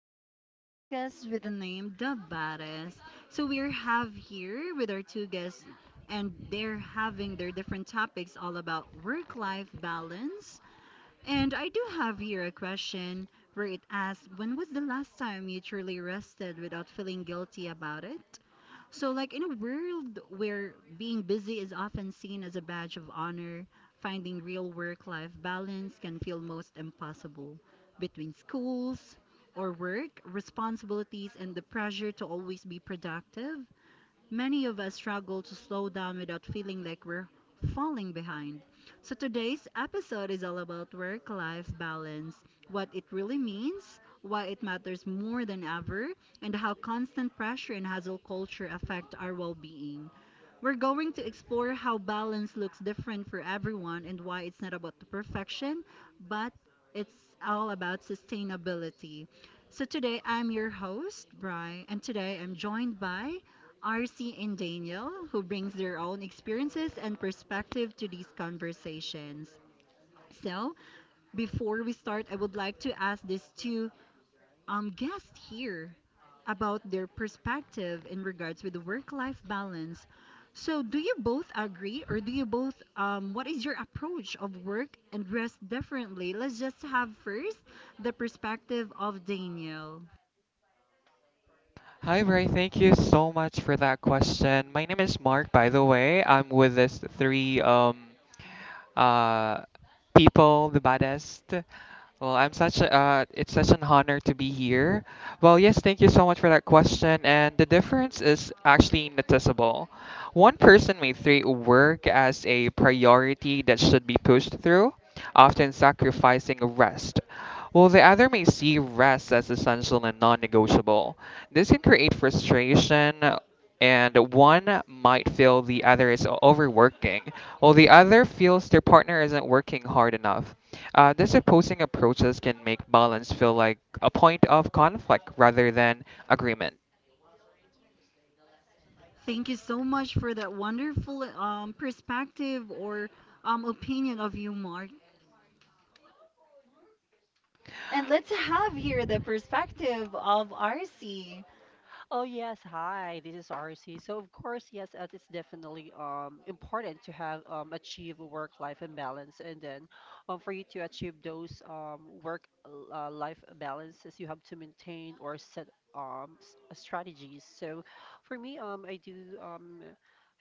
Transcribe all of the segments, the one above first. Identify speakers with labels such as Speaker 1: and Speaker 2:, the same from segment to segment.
Speaker 1: on our podcast with the name The Baddest. So we are have here with our two guests and they're having their different topics all about work-life balance. And I do have here a question where it asks, when was the last time you truly rested
Speaker 2: So
Speaker 1: without feeling guilty about it? So, like in a world where being busy is often seen as a badge of honor, finding real work life balance can feel most impossible. Between schools or work, responsibilities, and the pressure to always be productive, many of us struggle to slow down without feeling like we're falling behind. So today's episode is all about work life balance, what it really means, why it matters more than ever, and how constant pressure and hustle culture affect our well being. We're going to explore how balance looks different for everyone and why it's not about the perfection, but it's all about sustainability. So today I'm your host, Bry, and
Speaker 2: today
Speaker 1: today I'm
Speaker 2: I'm
Speaker 1: joined
Speaker 2: your host,
Speaker 1: by
Speaker 2: and
Speaker 1: RC and Daniel, who brings their own experiences and perspective to these conversations. So,
Speaker 2: today
Speaker 1: before we start, I
Speaker 2: I'm
Speaker 1: would
Speaker 2: Julia. I would
Speaker 1: like
Speaker 2: like
Speaker 1: to
Speaker 2: to
Speaker 1: ask
Speaker 2: ask
Speaker 1: these two
Speaker 2: these two.
Speaker 1: guests here about their perspective in
Speaker 2: Hi, Brian.
Speaker 1: regards
Speaker 2: Thank
Speaker 1: with the
Speaker 2: you so much for
Speaker 1: work-life
Speaker 2: that
Speaker 1: balance.
Speaker 2: question.
Speaker 1: So, do
Speaker 2: My
Speaker 1: you
Speaker 2: name is
Speaker 1: both agree, or
Speaker 2: Lauren, by the
Speaker 1: do you
Speaker 2: way.
Speaker 1: both?
Speaker 2: I'm
Speaker 1: What is your approach of work and rest differently?
Speaker 2: with
Speaker 1: Let's
Speaker 2: the
Speaker 1: just have
Speaker 2: City
Speaker 1: first the perspective
Speaker 2: of
Speaker 1: of
Speaker 2: Well,
Speaker 1: Daniel.
Speaker 2: I'm
Speaker 3: Hi, Bray. Thank you so much for that question. My name is Mark, by
Speaker 2: such
Speaker 3: the way. I'm
Speaker 2: a,
Speaker 3: with this three uh people, the baddest. Well, I'm such
Speaker 2: it's
Speaker 3: a, uh, it's such
Speaker 2: such
Speaker 3: an
Speaker 2: an
Speaker 3: honor
Speaker 2: honor to
Speaker 3: to
Speaker 2: be
Speaker 3: be here.
Speaker 2: here.
Speaker 3: Well, yes, thank you so much for that question. And the difference is actually noticeable. One person may treat work as a priority that should be pushed through, often sacrificing rest. While the other may see rest as essential and non negotiable. This can create frustration and one might feel the other is overworking, while the other feels their partner isn't working hard enough. These opposing approaches can make balance feel like a point of conflict rather than agreement.
Speaker 1: Thank you so much for that wonderful perspective or opinion of you, Mark. And let's have here the perspective of RC.
Speaker 2: Oh yes, hi. This is RC. So of course, yes, it's definitely important to have achieve work-life balance, and then for you to achieve those work-life balances, you have to maintain or set strategies. So for me, I do um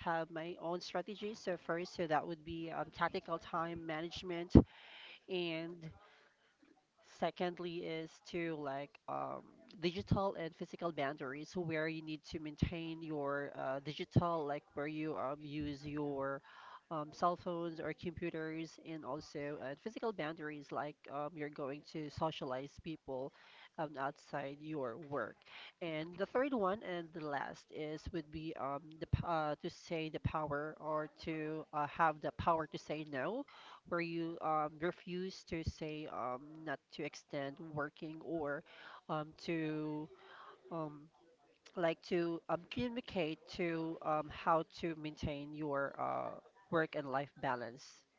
Speaker 2: have my own strategies. So first, so that would be tactical time management and secondly is to digital and physical boundaries where you need to maintain your digital, like where you use your cell phones or computers, and also physical boundaries, like you're going to socialize people outside your work. And the third one and the last is would be to say the power or to have the power to say no, where you refuse to say not to extend working or to um, like to communicate to how to maintain your work and life balance.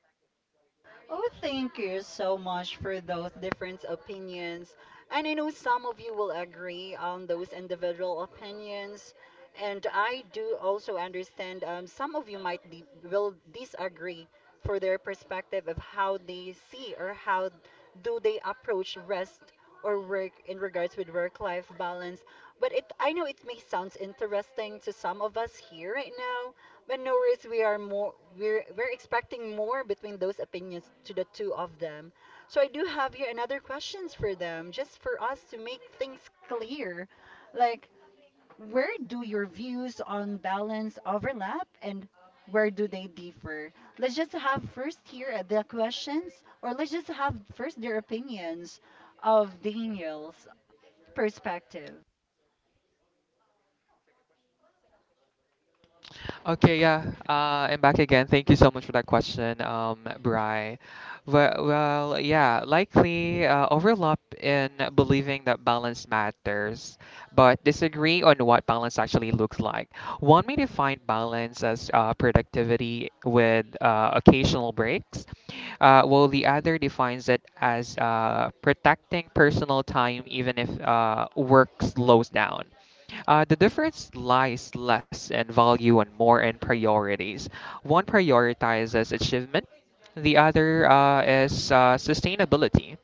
Speaker 1: Oh, thank you so much for those different opinions. And I know some of you will agree on those individual opinions. And I do also understand some of you might will disagree for their perspective of how they see or how do they approach rest or work in regards with work-life balance. But it, I know it may sound interesting to some of us here right now, but no worries, we are more we're expecting more between those opinions to the two of them. So I do have here another questions for them, just for us to make things clear. Like, where do your views on balance overlap and where do they differ? Let's just have first here the questions, or let's just have first their opinions of Daniel's perspective.
Speaker 3: Okay, yeah, I'm back again. Thank you so much for that question, Bri. Yeah, likely overlap in believing that balance matters, but disagree on what balance actually looks like. One may define balance as productivity with occasional breaks, while the other defines it as protecting personal time even if work slows down. The difference lies less in value and more in priorities. One prioritizes achievement, the other is sustainability.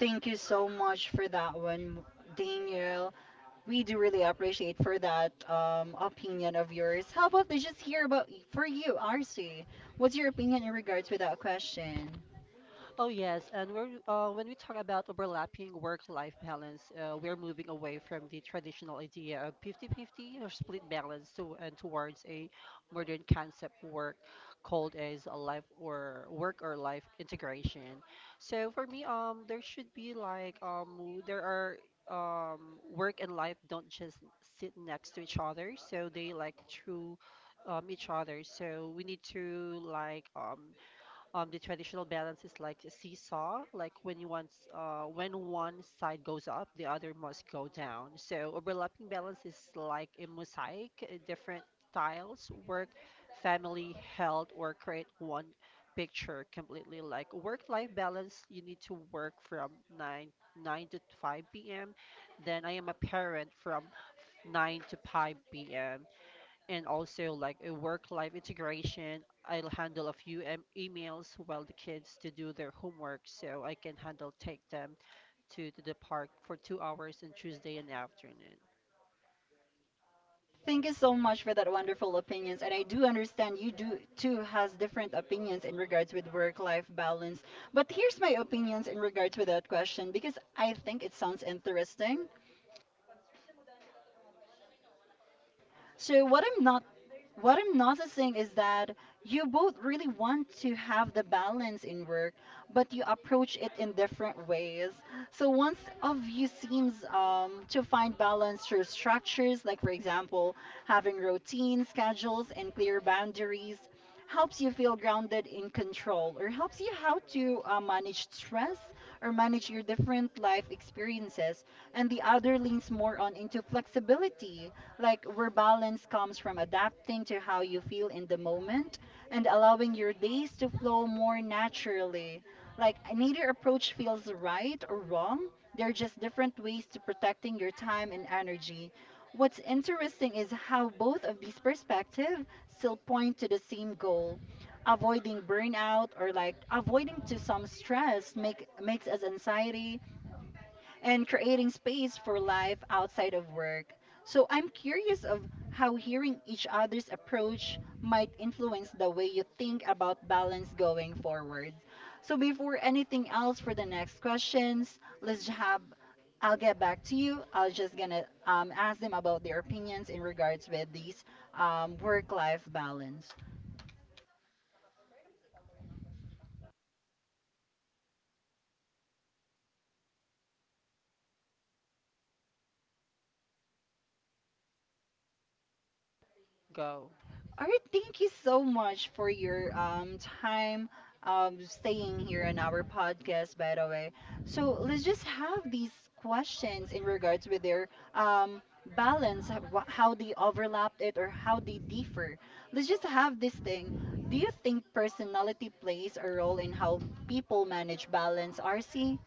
Speaker 1: Thank you so much for that one, Daniel. We do really appreciate for that opinion of yours. How about let's just hear about for you, RC? What's your opinion in regards with that question?
Speaker 2: Oh yes, and we when we talk about overlapping work-life balance, we're moving away from the traditional idea of 50-50 or split balance to, and towards a modern concept work called as a life or work or life integration. So for me, there should be there are work and life don't just sit next to each other, so they like through each other. So we need to the traditional balance is like a seesaw, like when you want, when one side goes up, the other must go down. So overlapping balance is like a mosaic. Different styles work, family, health, or create one picture completely. Like work-life balance, you need to work from nine nine to 5 p.m. Then I am a parent from 9 to 5 p.m. and also like a work-life integration. I'll handle a few emails while the kids to do their homework, so I can handle take them to the park for 2 hours on Tuesday in the afternoon.
Speaker 1: Thank you so much for that wonderful opinions. And I do understand you do too has different opinions in regards with work-life balance. But here's my opinions in regards with that question because I think it sounds interesting. So what I'm not what I'm noticing is that you both really want to have the balance in work, but you approach it in different ways. So one of you seems to find balance through structures, like for example, having routines, schedules, and clear boundaries helps you feel grounded in control or helps you how to manage stress or manage your different life experiences and the other leans more on into flexibility like where balance comes from adapting to how you feel in the moment and allowing your days to flow more naturally. Like neither approach feels right or wrong. They're just different ways to protecting your time and energy. What's interesting is how both of these perspectives still point to the same goal avoiding burnout or like avoiding to some stress makes us anxiety and creating space for life outside of work. So I'm curious of how hearing each other's approach might influence the way you think about balance going forward. So before anything else for the next questions, let's j- have I'll get back to you. I will just gonna ask them about their opinions in regards with these work-life balance.
Speaker 2: Go.
Speaker 1: All right, thank you so much for your time staying here on our podcast by the way. So let's just have these questions in regards with their um balance how they overlapped it or how they differ. Let's just have this thing. Do you think personality plays a role in how people manage balance, RC?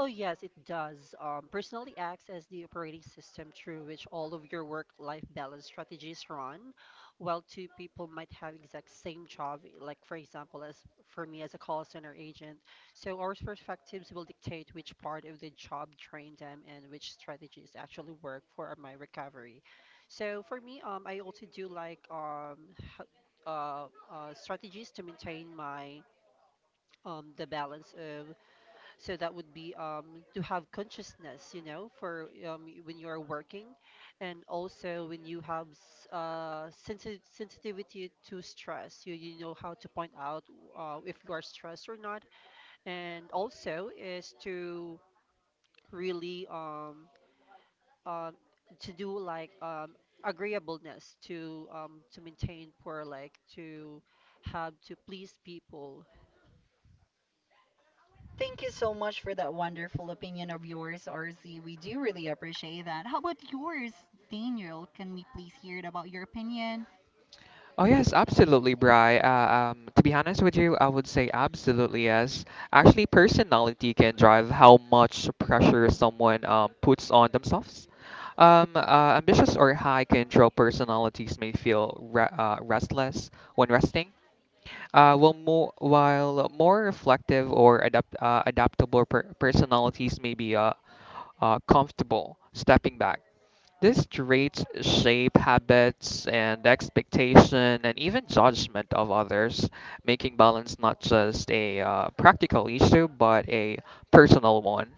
Speaker 2: Oh, yes, it does. Personally acts as the operating system through which all of your work-life balance strategies run. While two people might have exact same job, like for example, as for me as a call center agent, so our perspectives will dictate which part of the job trained them and which strategies actually work for my recovery. So for me, I also do h- uh, strategies to maintain my the balance of, so that would be to have consciousness, you know, for when you are working, and also when you have sensitivity to stress, you know how to point out if you are stressed or not, and also is to really um, to do agreeableness to maintain poor, like to have to please people.
Speaker 1: Thank you so much for that wonderful opinion of yours, RC. We do really appreciate that. How about yours, Daniel? Can we please hear it about your opinion?
Speaker 3: Oh yes, absolutely, Bri. To be honest with you, I would say absolutely yes. Actually, personality can drive how much pressure someone puts on themselves. Ambitious or high control personalities may feel re restless when resting, while more reflective or adaptable personalities may be comfortable stepping back. These traits shape habits and expectation and even judgment of others, making balance not just a practical issue but a personal one.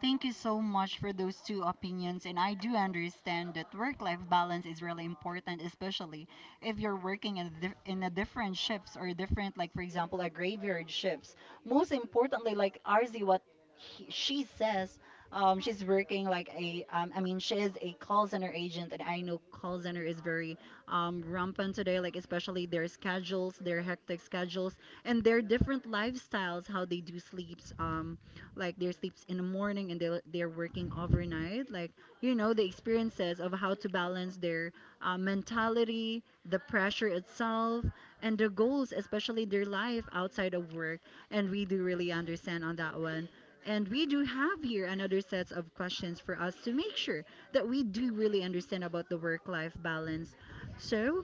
Speaker 1: Thank you so much for those two opinions. And I do understand that work life balance is really important, especially if you're working in a, in a different shifts or different, like, for example, a graveyard shifts. Most importantly, like Arzi, what she says, she's working like a, I mean, she is a call center agent. And I know call center is very rampant today, like, especially their schedules, their hectic schedules, and their different lifestyles, how they do sleeps. Like their sleeps in the morning and they're working overnight like you know the experiences of how to balance their mentality, the pressure itself, and the goals, especially their life outside of work. And we do really understand on that one, and we do have here another sets of questions for us to make sure that we do really understand about the work life balance. so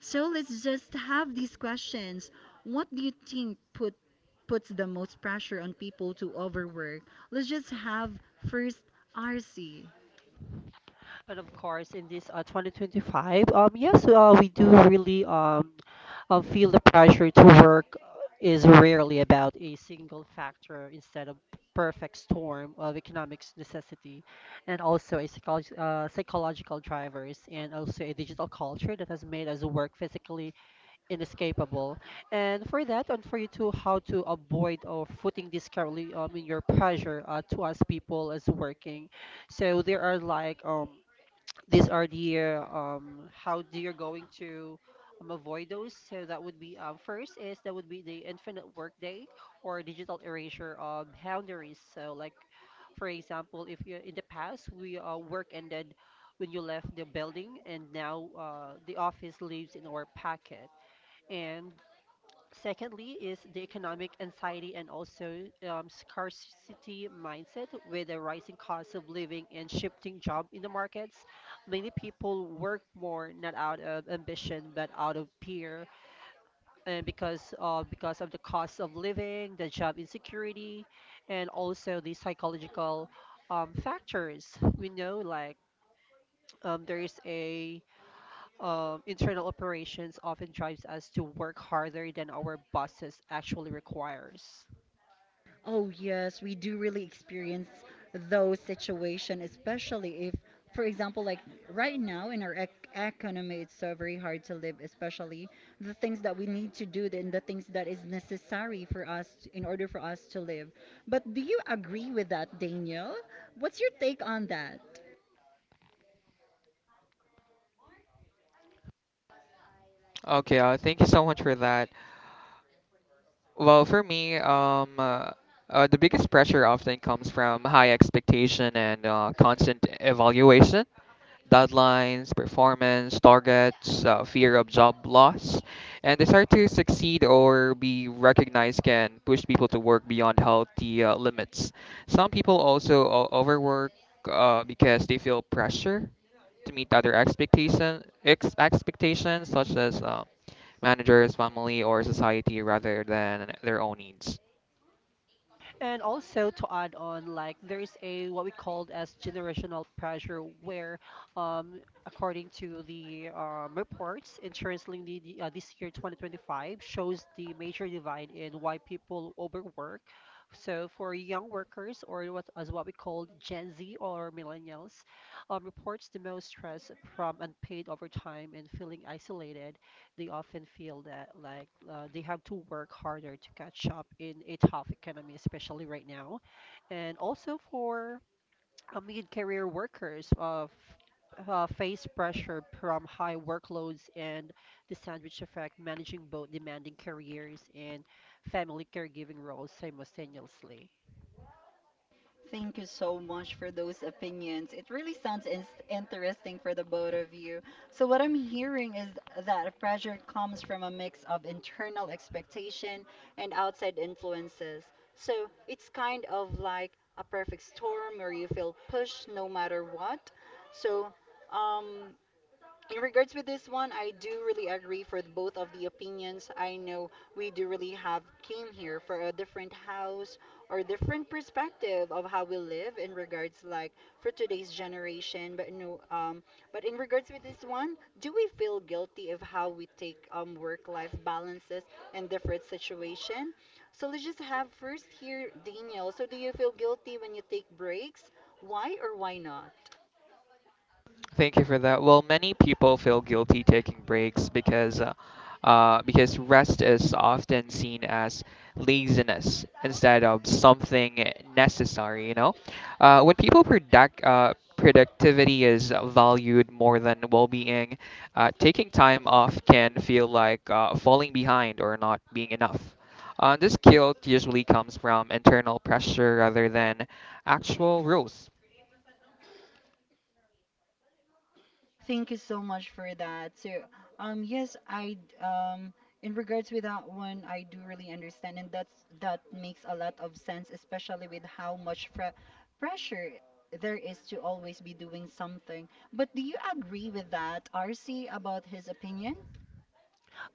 Speaker 1: so let's just have these questions. What do you think puts the most pressure on people to overwork? Let's just have first RC.
Speaker 2: And of course, in this 2025, yes, we do really feel the pressure to work is rarely about a single factor instead of perfect storm of economics necessity, and also a psychological drivers, and also a digital culture that has made us work physically inescapable. And for that, and for you too, how to avoid or footing this currently in your pressure to us people as working. So there are these are the how do you're going to avoid those, so that would be first is that would be the infinite workday or digital erasure of boundaries, so like for example, if you in the past, we work ended when you left the building, and now the office lives in our packet, and secondly, is the economic anxiety and also scarcity mindset with the rising cost of living and shifting job in the markets. Many people work more not out of ambition but out of fear, and because of the cost of living, the job insecurity, and also the psychological factors. We know there is a internal operations often drives us to work harder than our bosses actually requires.
Speaker 1: Oh yes, we do really experience those situations, especially if, for example, like right now in our economy, it's so very hard to live, especially the things that we need to do and the things that is necessary for in order for us to live. But do you agree with that, Daniel? What's your take on that?
Speaker 3: Okay, thank you so much for that. Well, for me, the biggest pressure often comes from high expectation and constant evaluation. Deadlines, performance, targets, fear of job loss, and desire to succeed or be recognized can push people to work beyond healthy limits. Some people also overwork because they feel pressure to meet other expectations, such as managers, family, or society, rather than their own needs.
Speaker 2: And also to add on, like there's a what we called as generational pressure, where, um, according to the reports, insurance linked the, this year 2025 shows the major divide in why people overwork. So for young workers, or what as what we call Gen Z or millennials, reports the most stress from unpaid overtime and feeling isolated. They often feel that like they have to work harder to catch up in a tough economy, especially right now, and also for mid-career workers of face pressure from high workloads and the sandwich effect, managing both demanding careers and family caregiving roles simultaneously.
Speaker 1: Thank you so much for those opinions. It really sounds interesting for the both of you. So, what I'm hearing is that pressure comes from a mix of internal expectation and outside influences. So, it's kind of like a perfect storm where you feel pushed no matter what. So, um, in regards with this one, I do really agree for both of the opinions. I know we do really have came here for a different house or different perspective of how we live in regards like for today's generation. But no, but in regards with this one, do we feel guilty of how we take work-life balances in different situation? So let's just have first here Daniel. So do you feel guilty when you take breaks? Why or why not?
Speaker 3: Thank you for that. Well, many people feel guilty taking breaks because rest is often seen as laziness instead of something necessary, you know? When people productivity is valued more than well-being, taking time off can feel like falling behind or not being enough. This guilt usually comes from internal pressure rather than actual rules.
Speaker 1: Thank you so much for that. So, yes, in regards with that one, I do really understand, and that makes a lot of sense, especially with how much pressure there is to always be doing something. But do you agree with that, RC, about his opinion?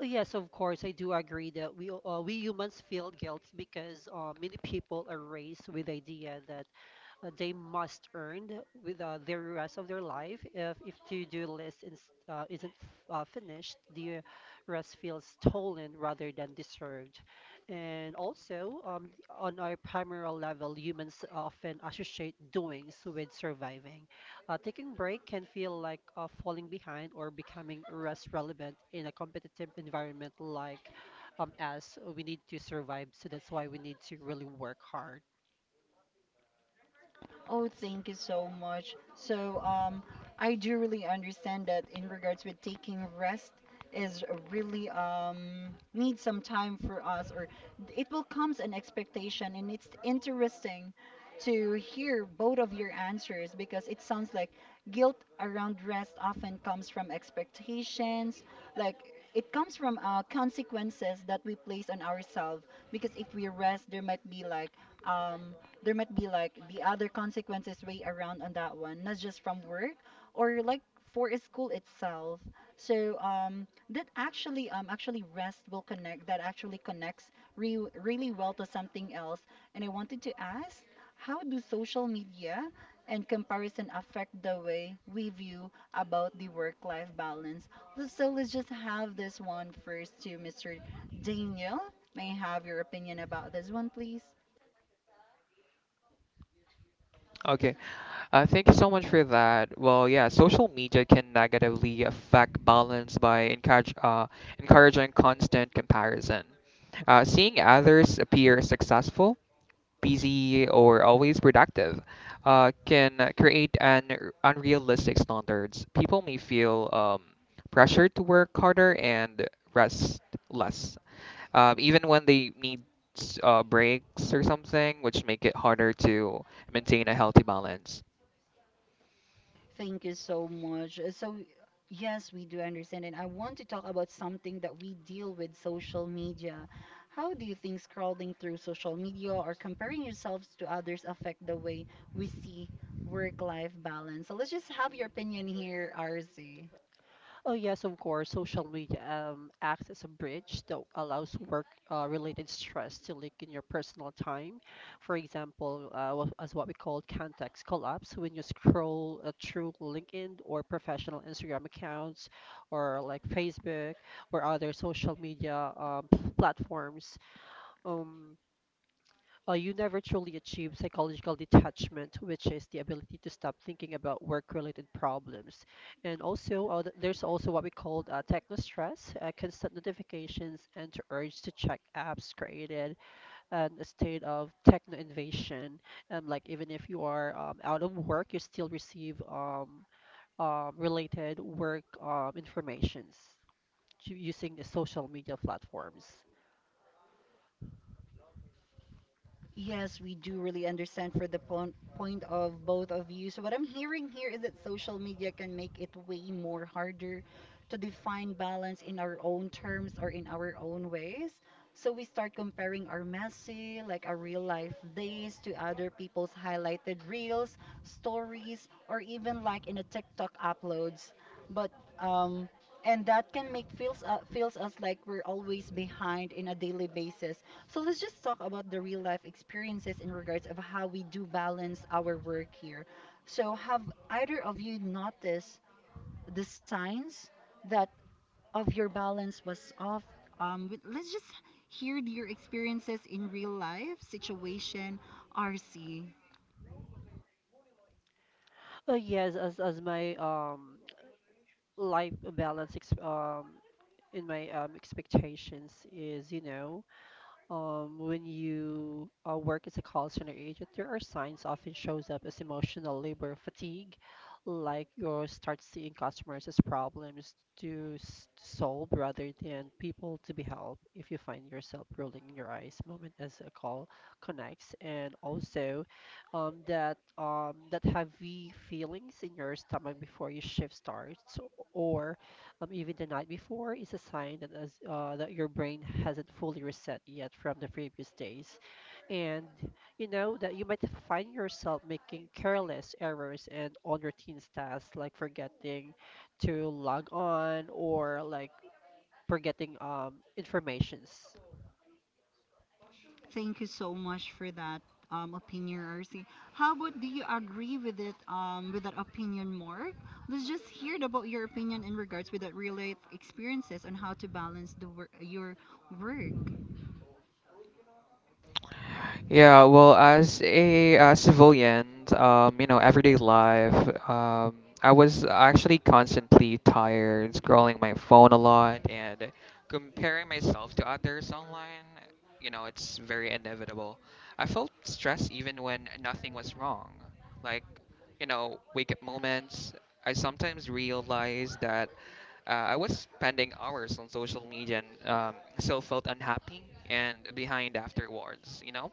Speaker 2: Oh, yes, of course, I do agree that we humans feel guilt because many people are raised with the idea that they must earn with the rest of their life. If to-do list isn't finished, the rest feels stolen rather than deserved. And also, on our primal level, humans often associate doings with surviving. Taking break can feel like falling behind or becoming less relevant in a competitive environment, as we need to survive. So that's why we need to really work hard.
Speaker 1: Oh, thank you so much. So, I do really understand that in regards with taking rest is really need some time for us, or it will comes an expectation, and it's interesting to hear both of your answers because it sounds like guilt around rest often comes from expectations, like it comes from consequences that we place on ourselves because if we rest there might be like um there might be like the other consequences way around on that one, not just from work or like for school itself. So that actually rest will connect that actually connects re really well to something else. And I wanted to ask, how do social media and comparison affect the way we view about the work-life balance? So let's just have this one first to Mr. Daniel. May I have your opinion about this one, please?
Speaker 3: Okay. Thank you so much for that. Well, yeah, social media can negatively affect balance by encouraging constant comparison. Seeing others appear successful, busy, or always productive can create an unrealistic standards. People may feel pressured to work harder and rest less, even when they need breaks or something, which make it harder to maintain a healthy balance.
Speaker 1: Thank you so much. So, yes, we do understand. And I want to talk about something that we deal with social media. How do you think scrolling through social media or comparing yourselves to others affect the way we see work-life balance? So let's just have your opinion here, RC.
Speaker 2: Oh, yes, of course. Social media acts as a bridge that allows work-related stress to leak in your personal time. For example, as what we call context collapse, when you scroll through LinkedIn or professional Instagram accounts, or like Facebook or other social media platforms. Um, well, you never truly achieve psychological detachment, which is the ability to stop thinking about work-related problems. And also, there's also what we call techno stress, constant notifications, and the urge to check apps created and a state of techno invasion. Like even if you are out of work, you still receive related work informations to- using the social media platforms.
Speaker 1: Yes, we do really understand for the point of both of you. So what I'm hearing here is that social media can make it way more harder to define balance in our own terms or in our own ways. So we start comparing our messy, like our real life days to other people's highlighted reels, stories, or even like in a TikTok uploads. But um and that can make feels feels us like we're always behind in a daily basis. So let's just talk about the real life experiences in regards of how we do balance our work here. So have either of you noticed the signs that of your balance was off? Let's just hear your experiences in real life situation, RC.
Speaker 2: Yes, as my life balance in my expectations is, you know, when you work as a call center agent, there are signs often shows up as emotional labor fatigue, like you start seeing customers as problems to solve rather than people to be helped. If you find yourself rolling your eyes moment as a call connects, and also that heavy feelings in your stomach before your shift starts or even the night before is a sign that as, that your brain hasn't fully reset yet from the previous days, and you know that you might find yourself making careless errors and on routine tasks, like forgetting to log on or like forgetting informations.
Speaker 1: Thank you so much for that opinion, RC. How about do you agree with it, with that opinion, Mark? Let's just hear it about your opinion in regards with that real life experiences on how to balance the your work.
Speaker 3: Yeah, well, as a civilian, you know, everyday life, um, I was actually constantly tired, scrolling my phone a lot, and comparing myself to others online. You know, it's very inevitable. I felt stressed even when nothing was wrong. Like, you know, wake up moments. I sometimes realized that I was spending hours on social media and still felt unhappy and behind afterwards, you know?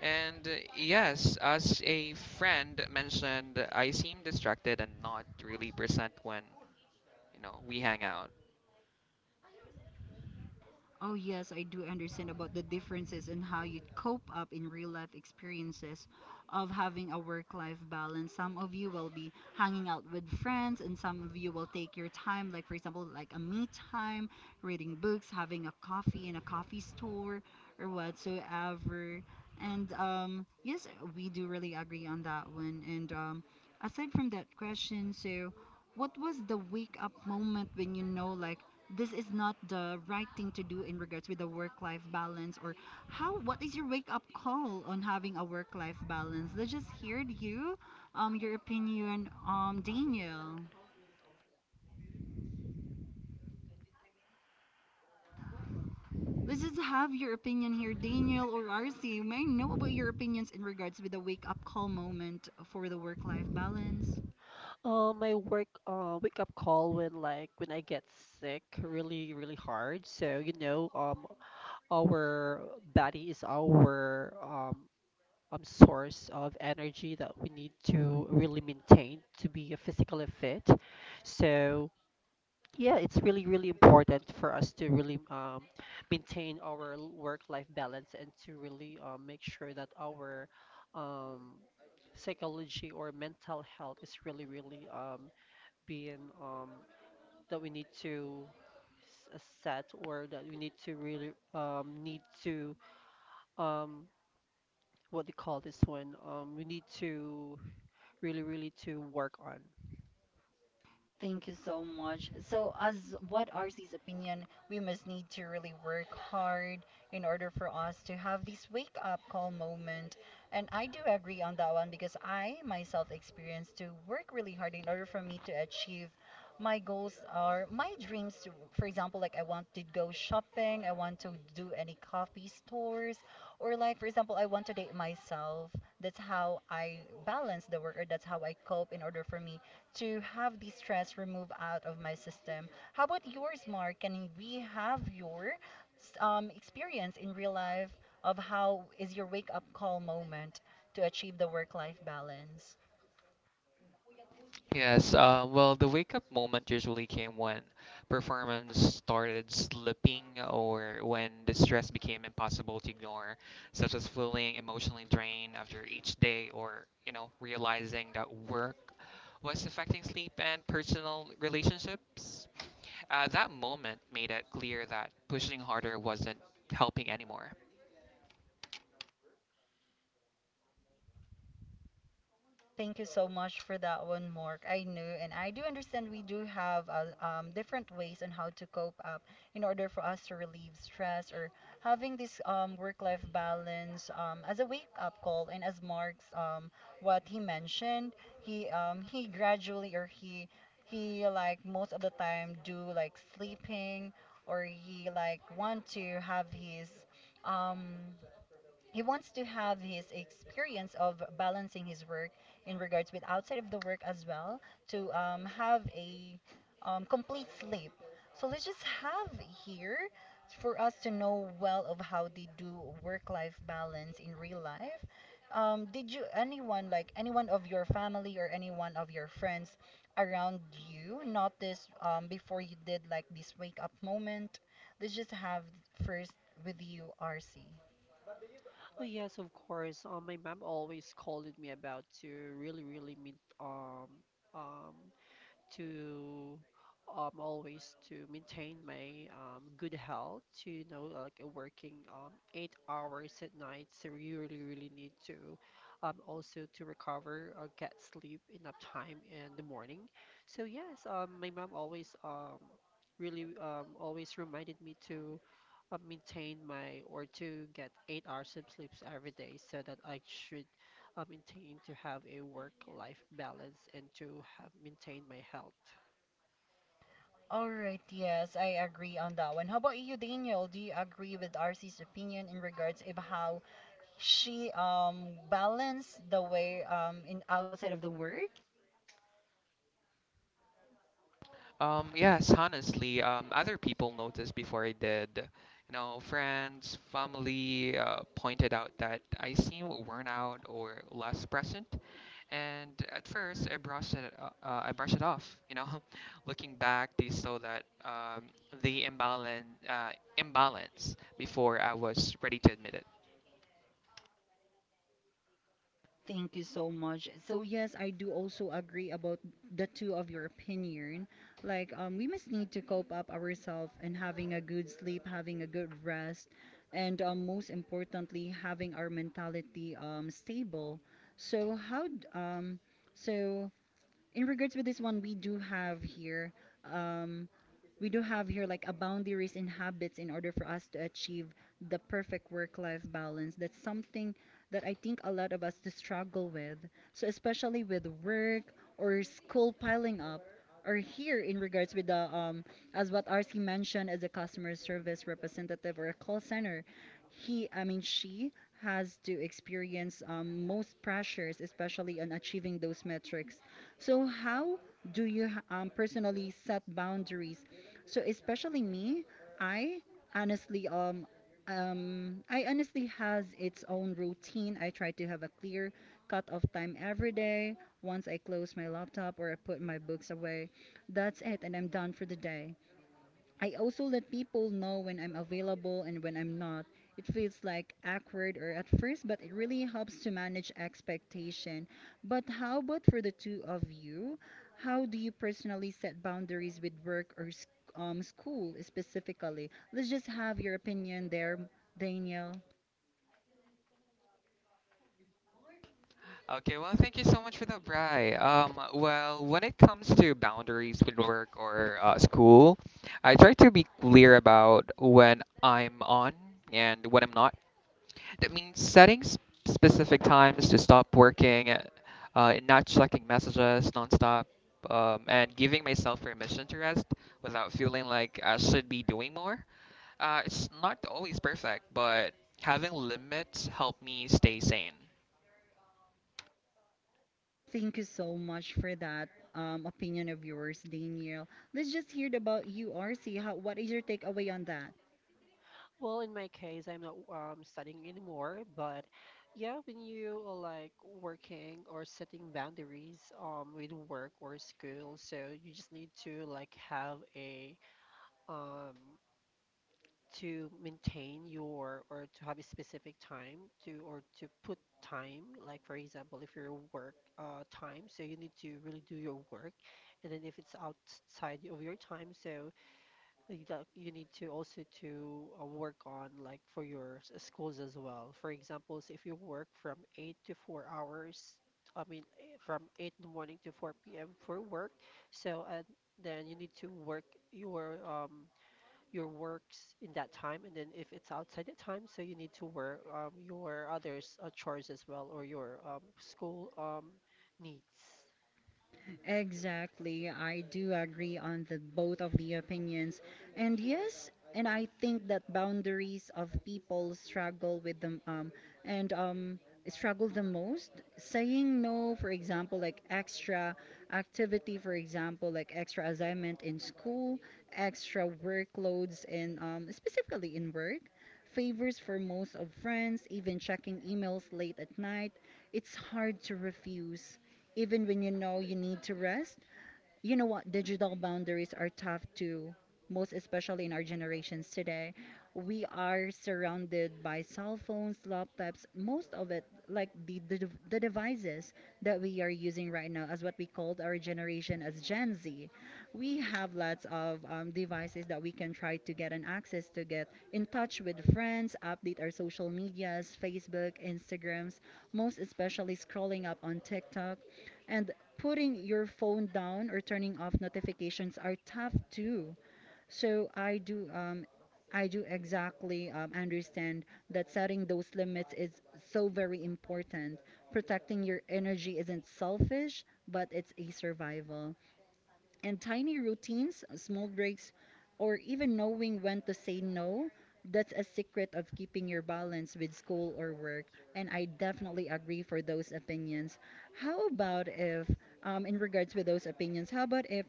Speaker 3: And yes, as a friend mentioned, I seem distracted and not really present when, you know, we hang out.
Speaker 1: Oh, yes, I do understand about the differences in how you cope up in real life experiences of having a work life balance. Some of you will be hanging out with friends, and some of you will take your time, like, for example, like a me time, reading books, having a coffee in a coffee store, or whatsoever. And yes, we do really agree on that one. And aside from that question, so what was the wake up moment when you know, like, this is not the right thing to do in regards with the work-life balance or how what is your wake-up call on having a work-life balance? Let's just hear you, your opinion, Daniel. Let's just have your opinion here, Daniel or RC. May I know about your opinions in regards with the wake-up call moment for the work-life balance?
Speaker 2: My work wake up call when like when I get sick really really hard. So you know our body is our source of energy that we need to really maintain to be physically fit. So, yeah, it's really, really important for us to really maintain our work life balance and to really make sure that our um, psychology or mental health is really, really being that we need to set or that we need to really need to um, what do you call this one? We need to really, really to work on.
Speaker 1: Thank you so much. So, as what RC's opinion, we must need to really work hard in order for us to have this wake up call moment. And I do agree on that one because I myself experienced to work really hard in order for me to achieve my goals or my dreams. To, for example, like I want to go shopping, I want to do any coffee stores, or like for example, I want to date myself. That's how I balance the work, or that's how I cope in order for me to have the stress removed out of my system. How about yours, Mark? Can we have your experience in real life of how is your wake up call moment to achieve the work life balance?
Speaker 3: Yes, well, the wake up moment usually came when performance started slipping or when the stress became impossible to ignore, such as feeling emotionally drained after each day or, you know, realizing that work was affecting sleep and personal relationships. That moment made it clear that pushing harder wasn't helping anymore.
Speaker 1: Thank you so much for that one, Mark. I know, and I do understand we do have different ways on how to cope up in order for us to relieve stress or having this work-life balance as a wake-up call. And as Mark's what he mentioned, he gradually or he like most of the time do like sleeping or he like want to have his um he wants to have his experience of balancing his work in regards with outside of the work as well to have a complete sleep. So let's just have here for us to know well of how they do work-life balance in real life. Did you anyone like anyone of your family or anyone of your friends around you notice before you did like this wake-up moment? Let's just have first with you, RC.
Speaker 2: Oh yes, of course. My mom always scolded me about to really, really mean um um to always to maintain my good health. To you know, like working 8 hours at night, so you really, really need to also to recover or get sleep enough time in the morning. So yes, my mom always really always reminded me to maintain my or to get 8 hours of sleeps every day so that I should maintain to have a work-life balance and to have maintain my health.
Speaker 1: All right, yes, I agree on that one. How about you, Daniel? Do you agree with RC's opinion in regards of how she balanced the way in outside of the work?
Speaker 3: Yes, honestly, other people noticed before I did. You know, friends, family pointed out that I seem worn out or less present. And at first, I brushed it off. You know, looking back, they saw that the imbalance before I was ready to admit it.
Speaker 1: Thank you so much. So yes, I do also agree about the two of your opinion. Like we must need to cope up ourselves and having a good sleep, having a good rest, and most importantly having our mentality stable. So so in regards with this one, we do have here. Um, we do have here like a boundaries and habits in order for us to achieve the perfect work-life balance. That's something that I think a lot of us to struggle with. So especially with work or school piling up, or here in regards with the as what RC mentioned as a customer service representative or a call center, he I mean she has to experience most pressures, especially on achieving those metrics. So how do you personally set boundaries so especially me, I honestly um I honestly has its own routine. I try to have a clear cut off time every day. Once I close my laptop or I put my books away, that's it and I'm done for the day. I also let people know when I'm available and when I'm not. It feels like awkward or at first, but it really helps to manage expectation. But how about for the two of you? How do you personally set boundaries with work or school specifically? Let's just have your opinion there, Daniel.
Speaker 3: Okay, well, thank you so much for that, Bri. Well, when it comes to boundaries with work or school, I try to be clear about when I'm on and when I'm not. That means setting specific times to stop working, not checking messages nonstop, and giving myself permission to rest without feeling like I should be doing more. It's not always perfect, but having limits help me stay sane.
Speaker 1: Thank you so much for that opinion of yours, Daniel. Let's just hear about you, RC. How, what is your takeaway on that?
Speaker 2: Well, in my case, I'm not studying anymore, but yeah, when you are like working or setting boundaries with work or school, so you just need to like have a um, to maintain your or to have a specific time to or to put time, like for example if your work time, so you need to really do your work. And then if it's outside of your time, so you you need to also to work on like for your schools as well. For example, so if you work from 8 to 4 hours, I mean from 8 in the morning to 4 p.m. for work, so and then you need to work your um your works in that time. And then if it's outside the time, so you need to work your others chores as well, or your school needs.
Speaker 1: Exactly. I do agree on the both of the opinions. And yes, and I think that boundaries of people struggle with them and struggle the most. Saying no, for example, like extra activity, for example, like extra assignment in school, extra workloads in specifically in work, favors for most of friends, even checking emails late at night. It's hard to refuse even when you know you need to rest. You know what, digital boundaries are tough too, most especially in our generations today. We are surrounded by cell phones, laptops, most of it like the devices that we are using right now as what we called our generation as gen z. We have lots of devices that we can try to get an access to get in touch with friends, update our social medias, facebook, instagrams, most especially scrolling up on tiktok, and putting your phone down or turning off notifications are tough too. So I do exactly understand that setting those limits is so very important. Protecting your energy isn't selfish, but it's a survival. And tiny routines, small breaks, or even knowing when to say no, that's a secret of keeping your balance with school or work. And I definitely agree for those opinions. How about if, in regards with those opinions, how about if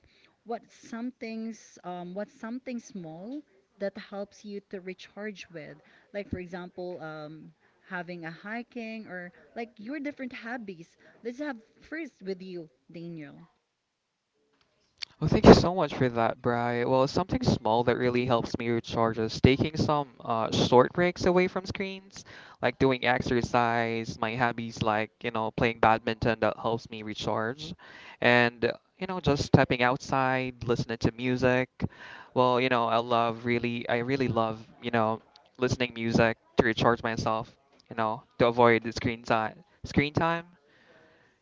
Speaker 1: what's something's what's something small that helps you to recharge with? Like for example, having a hiking or like your different hobbies. Let's have first with you, Daniel.
Speaker 3: Well, thank you so much for that, Bri. Well, something small that really helps me recharge is taking some short breaks away from screens, like doing exercise, my hobbies like, you know, playing badminton that helps me recharge, and, you know, just stepping outside, listening to music. Well, you know, I really love, you know, listening music to recharge myself, you know, to avoid the screen time,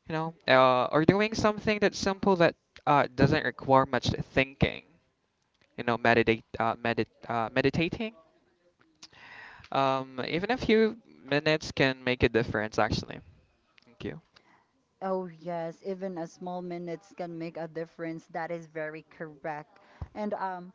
Speaker 3: you know, or doing something that's simple that doesn't require much thinking, you know, meditating. Even a few minutes can make a difference, actually. Thank you.
Speaker 1: Oh, yes, even a small minutes can make a difference. That is very correct. And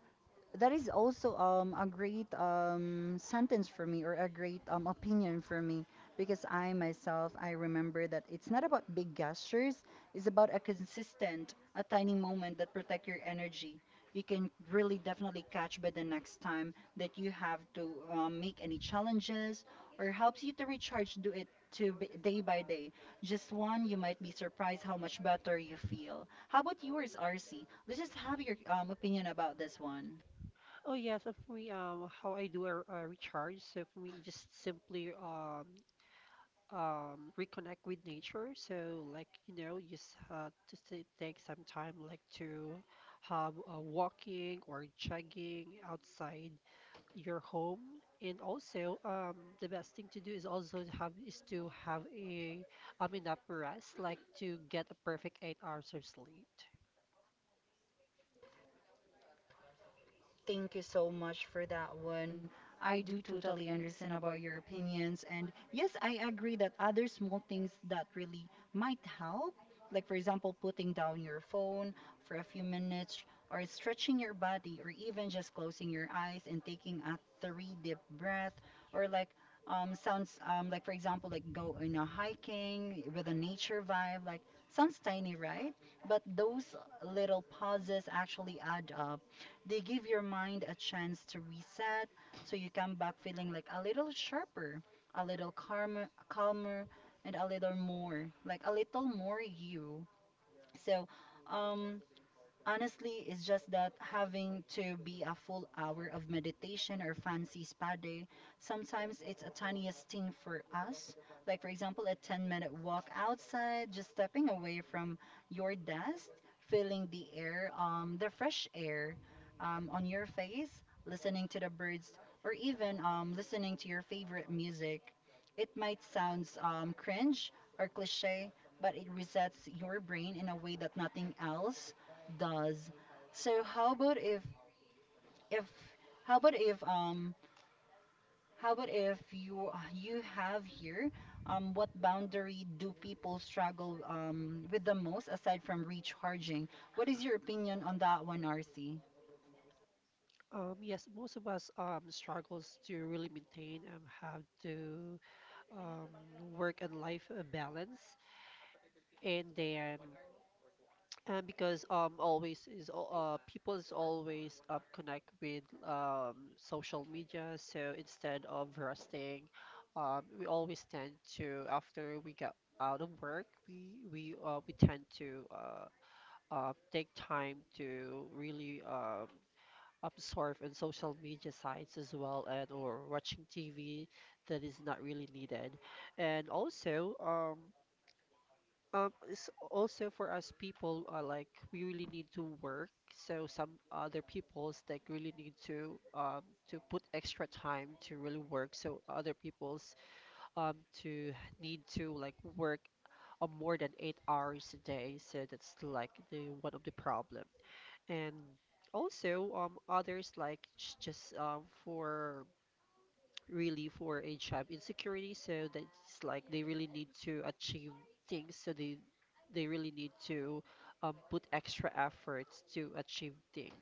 Speaker 1: that is also a great sentence for me or a great opinion for me, because I myself I remember that it's not about big gestures, it's about a consistent a tiny moment that protect your energy. You can really definitely catch by the next time that you have to make any challenges or helps you to recharge, do it to day by day, just one, you might be surprised how much better you feel. How about yours, RC? Let's just have your opinion about this one.
Speaker 2: Oh yes, for me, how I do a recharge, so for me, just simply reconnect with nature. So like, you know, just to take some time like to have walking or jogging outside your home. And also, the best thing to do is also to have is to have a enough rest, like to get a perfect 8 hours of sleep.
Speaker 1: Thank you so much for that one. I do totally understand about your opinions. And yes, I agree that other small things that really might help, like for example, putting down your phone for a few minutes, or stretching your body, or even just closing your eyes and taking a three deep breath, or like sounds like, for example, like go in a hiking with a nature vibe, like sounds tiny, right? But those little pauses actually add up, they give your mind a chance to reset, so you come back feeling like a little sharper, a little calmer, calmer, and a little more, like a little more you. So, um, honestly, it's just that having to be a full hour of meditation or fancy spa day, sometimes it's a tiniest thing for us. Like, for example, a 10-minute walk outside, just stepping away from your desk, feeling the air, the fresh air on your face, listening to the birds, or even listening to your favorite music. It might sound cringe or cliche, but it resets your brain in a way that nothing else does. So how about if how about if how about if you you have here what boundary do people struggle with the most aside from recharging? What is your opinion on that one, RC?
Speaker 2: Yes, most of us struggles to really maintain how to um work and life balance. And then and because people is always connect with social media, so instead of resting, we always tend to, after we get out of work, we tend to take time to really absorb in social media sites as well, and or watching TV that is not really needed. And also, it's also for us people, like we really need to work. So some other peoples like really need to put extra time to really work. So other peoples to need to like work more than 8 hours a day. So that's like the one of the problem. And also, others, like j- just for really for a job insecurity, so that's like they really need to achieve things, so they really need to put extra efforts to achieve things.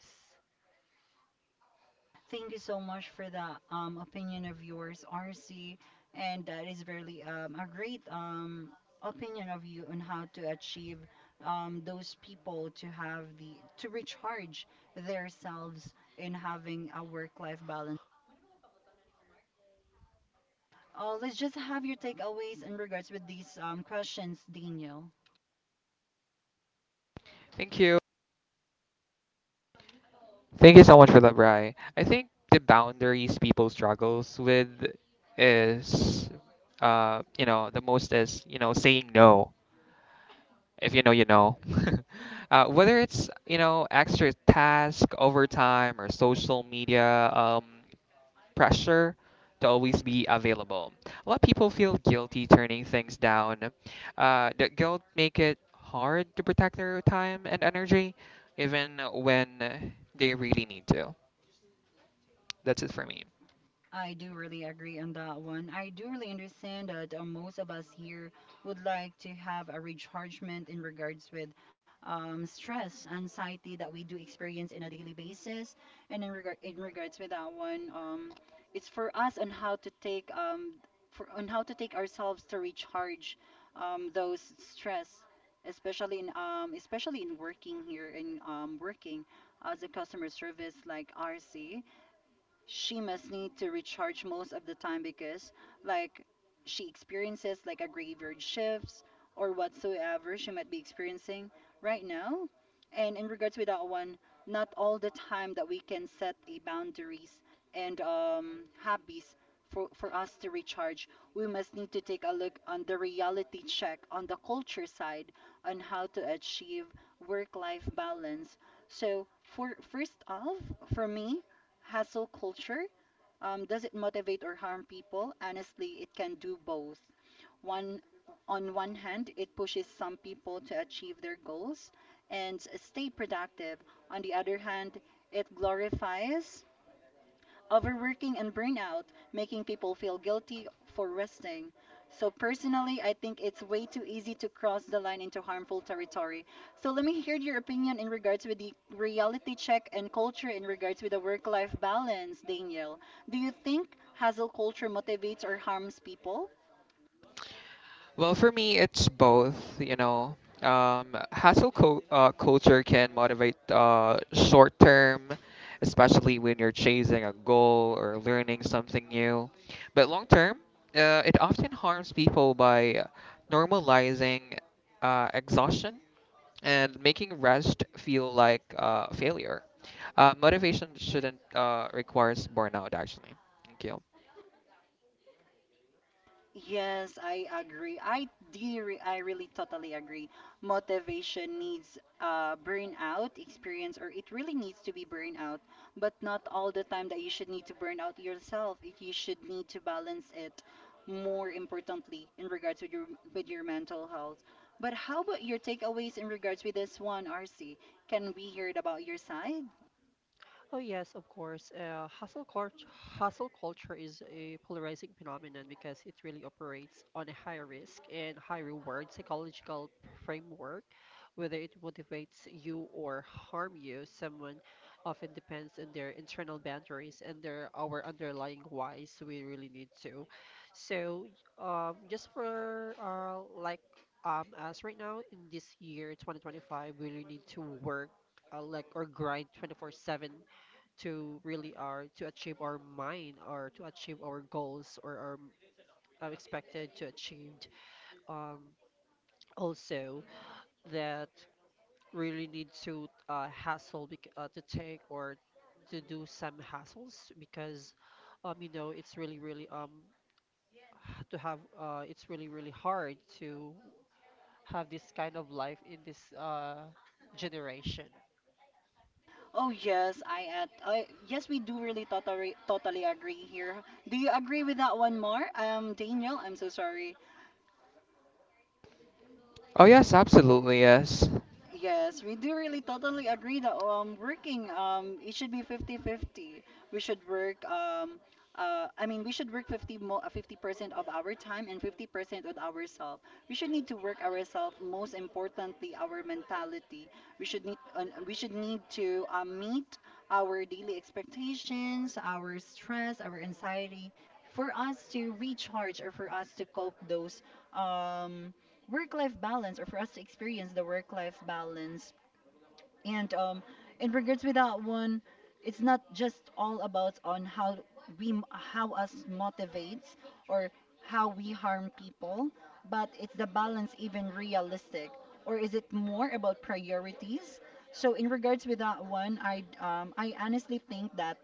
Speaker 1: Thank you so much for the opinion of yours, RC. And that is really a great opinion of you on how to achieve those people to have the to recharge themselves in having a work-life balance. Let's just have your takeaways in regards with these questions, Daniel.
Speaker 3: Thank you. Thank you so much for that, Bri. I think the boundaries people struggles with is, you know, the most is, you know, saying no. If you know, you know. Whether it's, you know, extra task, overtime, or social media pressure to always be available. A lot of people feel guilty turning things down. That guilt make it hard to protect their time and energy, even when they really need to. That's it for me.
Speaker 1: I do really agree on that one. I do really understand that most of us here would like to have a rechargement in regards with stress, anxiety that we do experience in a daily basis. And in regards with that one, it's for us on how to take ourselves to recharge those stress, especially in working here in working as a customer service like RC. She must need to recharge most of the time because, like, she experiences like a graveyard shifts or whatsoever she might be experiencing right now. And in regards with that one, not all the time that we can set a boundaries and hobbies for us to recharge. We must need to take a look on the reality check on the culture side on how to achieve work life balance. So for first off, for me, hustle culture, does it motivate or harm people? Honestly, it can do both. One, on one hand, it pushes some people to achieve their goals and stay productive. On the other hand, it glorifies overworking and burnout, making people feel guilty for resting. So, personally, I think it's way too easy to cross the line into harmful territory. So, let me hear your opinion in regards with the reality check and culture in regards with the work life balance, Daniel. Do you think hustle culture motivates or harms people?
Speaker 3: Well, for me, it's both. You know, hustle culture can motivate short term, especially when you're chasing a goal or learning something new. But long term, it often harms people by normalizing exhaustion and making rest feel like failure. Motivation shouldn't require burnout, actually. Thank you.
Speaker 1: Yes, I agree. I really totally agree. Motivation needs burnout experience, or it really needs to be burnout, but not all the time that you should need to burn out yourself. You should need to balance it, more importantly in regards with your mental health. But how about your takeaways in regards with this one, RC? Can we hear it about your side?
Speaker 2: Oh yes, of course. Hustle culture is a polarizing phenomenon because it really operates on a high risk and high reward psychological framework. Whether it motivates you or harm you, someone often depends on their internal boundaries and their our underlying whys we really need to. So, just for like us right now in this year 2025, we really need to work like or grind 24/7 to really are to achieve our mind, or to achieve our goals or our expected to achieved. um, Also, that really need to to take or to do some hassles because, you know, it's really really to have it's really really hard to have this kind of life in this generation.
Speaker 1: Oh yes, I at I yes, we do really totally agree here. Do you agree with that one more? Daniel, I'm so sorry.
Speaker 3: Oh, yes, absolutely, yes.
Speaker 1: Yes, we do really totally agree that working it should be 50-50. We should work I mean we should work 50% of our time and 50% on ourselves. We should need to work ourselves, most importantly our mentality. We should need to meet our daily expectations, our stress, our anxiety for us to recharge or for us to cope those, um work life balance or for us to experience the work life balance. And in regards with that one, it's not just all about on how we how us motivates or how we harm people, but it's the balance even realistic, or is it more about priorities? So in regards with that one, I honestly think that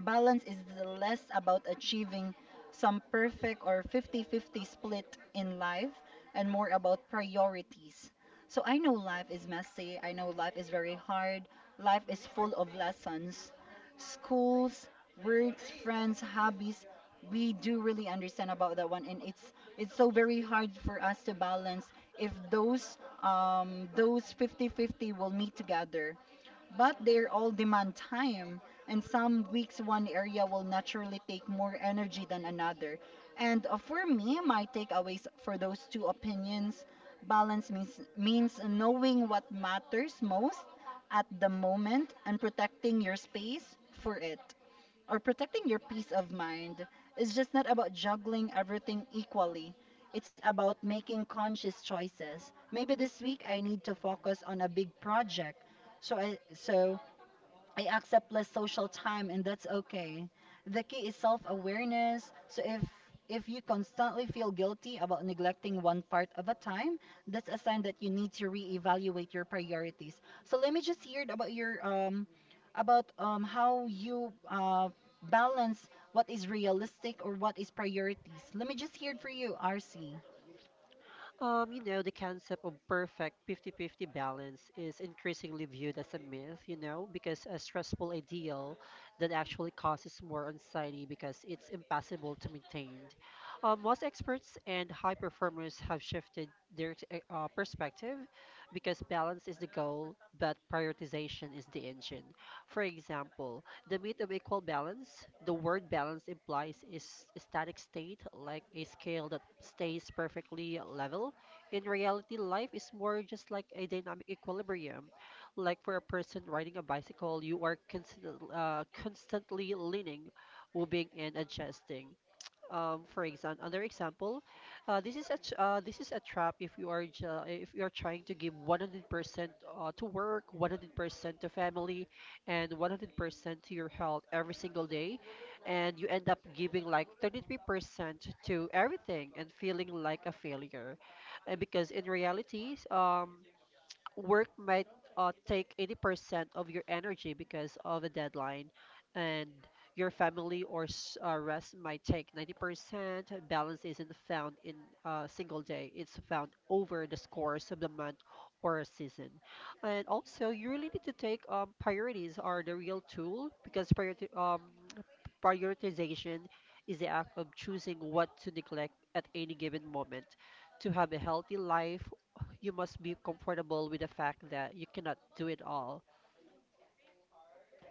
Speaker 1: balance is less about achieving some perfect or 50-50 split in life and more about priorities. So I know life is messy, I know life is very hard, life is full of lessons. Schools, works, friends, hobbies, we do really understand about that one, and it's so very hard for us to balance if those 50-50 will meet together, but they all demand time. And some weeks, one area will naturally take more energy than another. And for me, my takeaways for those two opinions, balance means knowing what matters most at the moment and protecting your space for it, or protecting your peace of mind, is just not about juggling everything equally. It's about making conscious choices. Maybe this week I need to focus on a big project. So I accept less social time and that's okay. The key is self-awareness. So if you constantly feel guilty about neglecting one part of a time, that's a sign that you need to reevaluate your priorities. So let me just hear about your about how you balance what is realistic or what is priorities. Let me just hear it for you, RC.
Speaker 2: You know, the concept of perfect 50-50 balance is increasingly viewed as a myth, you know, because a stressful ideal that actually causes more anxiety because it's impossible to maintain. Most experts and high performers have shifted their perspective because balance is the goal, but prioritization is the engine. For example, the myth of equal balance. The word balance implies is a static state, like a scale that stays perfectly level. In reality, life is more just like a dynamic equilibrium. Like for a person riding a bicycle, you are constantly leaning, moving, and adjusting. For example, another example, this is a trap. If you are if you are trying to give 100% to work, 100% to family, and 100% to your health every single day, and you end up giving like 33% to everything and feeling like a failure. And because in reality, work might take 80% of your energy because of a deadline, and your family or rest might take 90%. Balance isn't found in a single day, it's found over the course of the month or a season. And also, you really need to take priorities are the real tool. Because prioritization is the act of choosing what to neglect at any given moment. To have a healthy life, you must be comfortable with the fact that you cannot do it all.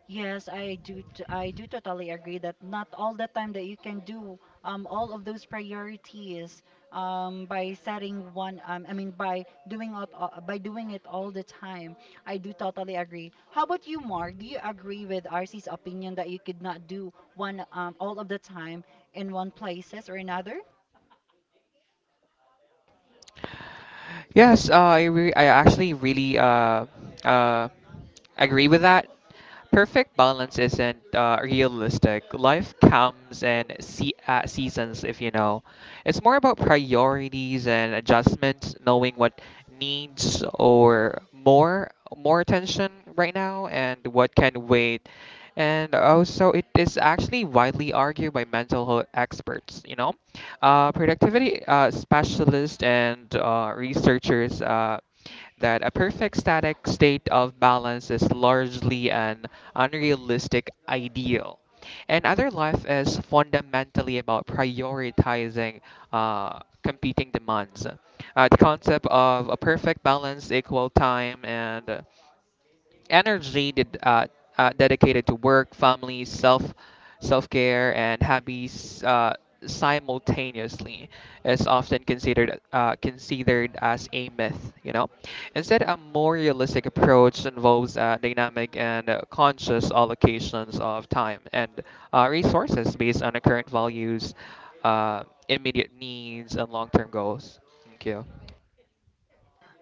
Speaker 1: Yes, I do. I do totally agree that not all the time that you can do all of those priorities by setting one. I mean, by doing by doing it all the time. I do totally agree. How about you, Mark? Do you agree with RC's opinion that you could not do one all of the time in one places or another?
Speaker 3: Yes, I actually really uh agree with that. Perfect balance isn't realistic. Life comes in se seasons, if you know. It's more about priorities and adjustments, knowing what needs or more more attention right now and what can wait. And also, it is actually widely argued by mental health experts, you know. Productivity specialists and researchers that a perfect static state of balance is largely an unrealistic ideal. And other life is fundamentally about prioritizing competing demands. The concept of a perfect balance, equal time, and energy dedicated to work, family, self care, and hobbies simultaneously is often considered as a myth. You know, instead, a more realistic approach involves dynamic and conscious allocations of time and resources based on the current values, immediate needs, and long term goals. Thank you.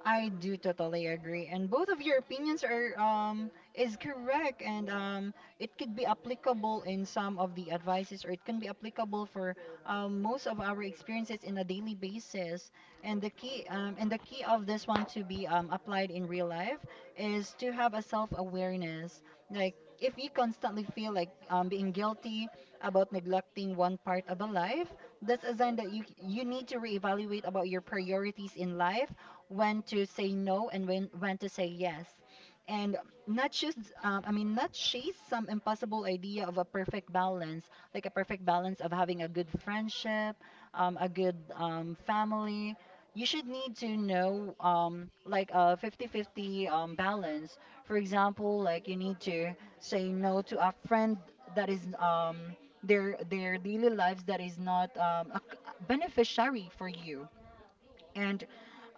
Speaker 1: I do totally agree, and both of your opinions are is correct, and it could be applicable in some of the advices, or it can be applicable for most of our experiences in a daily basis. And the key of this one to be applied in real life is to have a self awareness. Like if you constantly feel like being guilty about neglecting one part of a life, that's a sign that you need to reevaluate about your priorities in life, when to say no and when to say yes, and not just, I mean not chase some impossible idea of a perfect balance, like a perfect balance of having a good friendship, a good family. You should need to know, like a 50-50 balance. For example, like you need to say no to a friend that is, um, their daily lives that is not beneficiary for you. And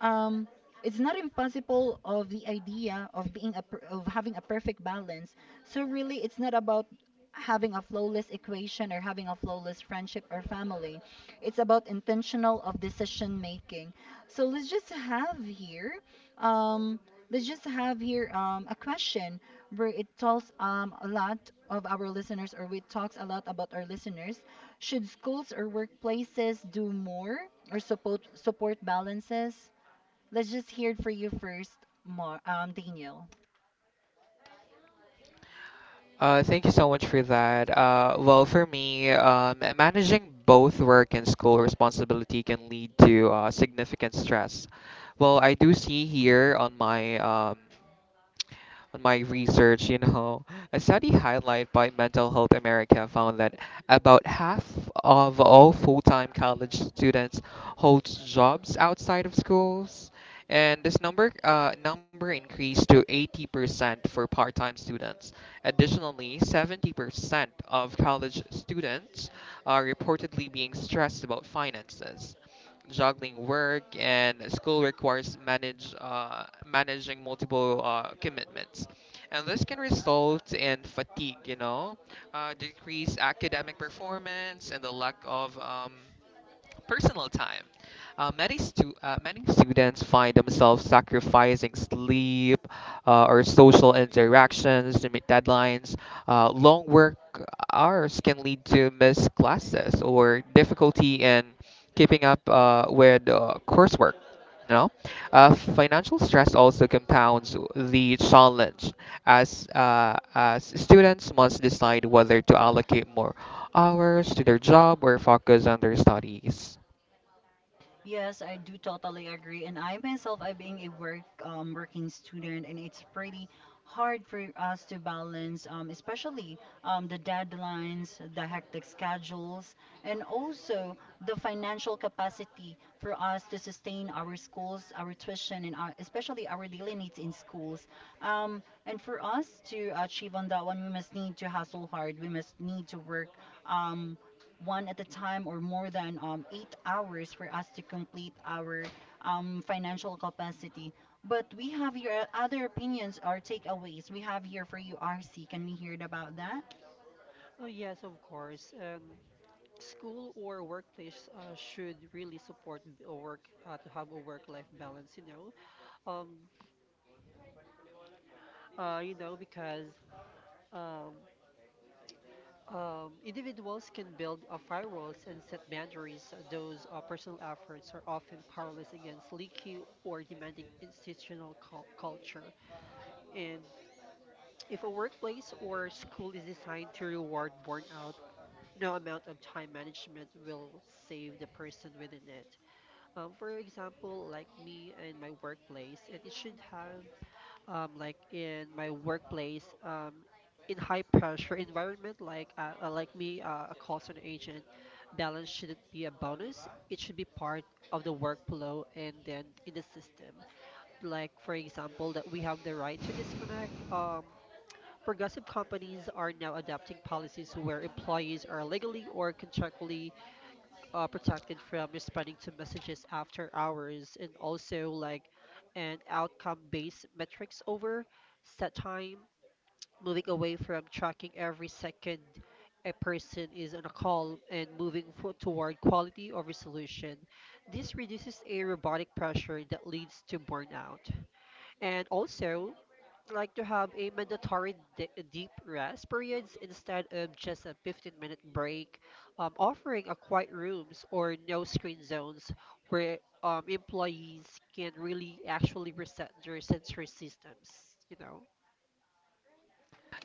Speaker 1: um, it's not impossible of the idea of having a perfect balance. So really, it's not about having a flawless equation or having a flawless friendship or family. It's about intentional of decision making. So let's just have here um, let's just have here a question where it talks a lot of our listeners, or we talks a lot about our listeners, should schools or workplaces do more or support balances? Let's just hear it for you first, Mar Daniel.
Speaker 3: Thank you so much for that. Well, for me, managing both work and school responsibility can lead to significant stress. Well, I do see here on my research, you know, a study highlighted by Mental Health America found that about half of all full-time college students holds jobs outside of schools, and this number increased to 80% for part-time students. Additionally, 70% of college students are reportedly being stressed about finances. Juggling work and school requires manage managing multiple commitments, and this can result in fatigue. You know, decreased academic performance and the lack of personal time. Many students find themselves sacrificing sleep or social interactions to meet deadlines. Long work hours can lead to missed classes or difficulty in keeping up with coursework. No. Financial stress also compounds the challenge as students must decide whether to allocate more hours to their job or focus on their studies.
Speaker 1: Yes, I do totally agree. And I myself, I being a working student, and it's pretty hard for us to balance, especially the deadlines, the hectic schedules, and also the financial capacity for us to sustain our schools, our tuition, and our, especially our daily needs in schools. And for us to achieve on that one, we must need to hustle hard. We must need to work. Um, one at a time or more than eight hours for us to complete our financial capacity. But we have your other opinions or takeaways. We have here for you, RC. Can we hear it about that?
Speaker 2: Oh yes, of course. And school or workplace should really support b- a work to have a work-life balance. Know, um, you know, because um, individuals can build firewalls and set boundaries. Those personal efforts are often powerless against leaky or demanding institutional culture. And if a workplace or school is designed to reward burnout, no amount of time management will save the person within it. For example, like me and my workplace, and it should have, like in my workplace, in high pressure environment, like me, a call center agent, balance shouldn't be a bonus. It should be part of the workflow and then in the system. Like for example, that we have the right to disconnect. Progressive companies are now adopting policies where employees are legally or contractually protected from responding to messages after hours. And also, like an outcome based metrics over set time, moving away from tracking every second a person is on a call and toward quality of resolution. This reduces a robotic pressure that leads to burnout. And also, like to have a mandatory deep rest periods instead of just a 15-minute break, offering a quiet rooms or no screen zones where employees can really actually reset their sensory systems, you know.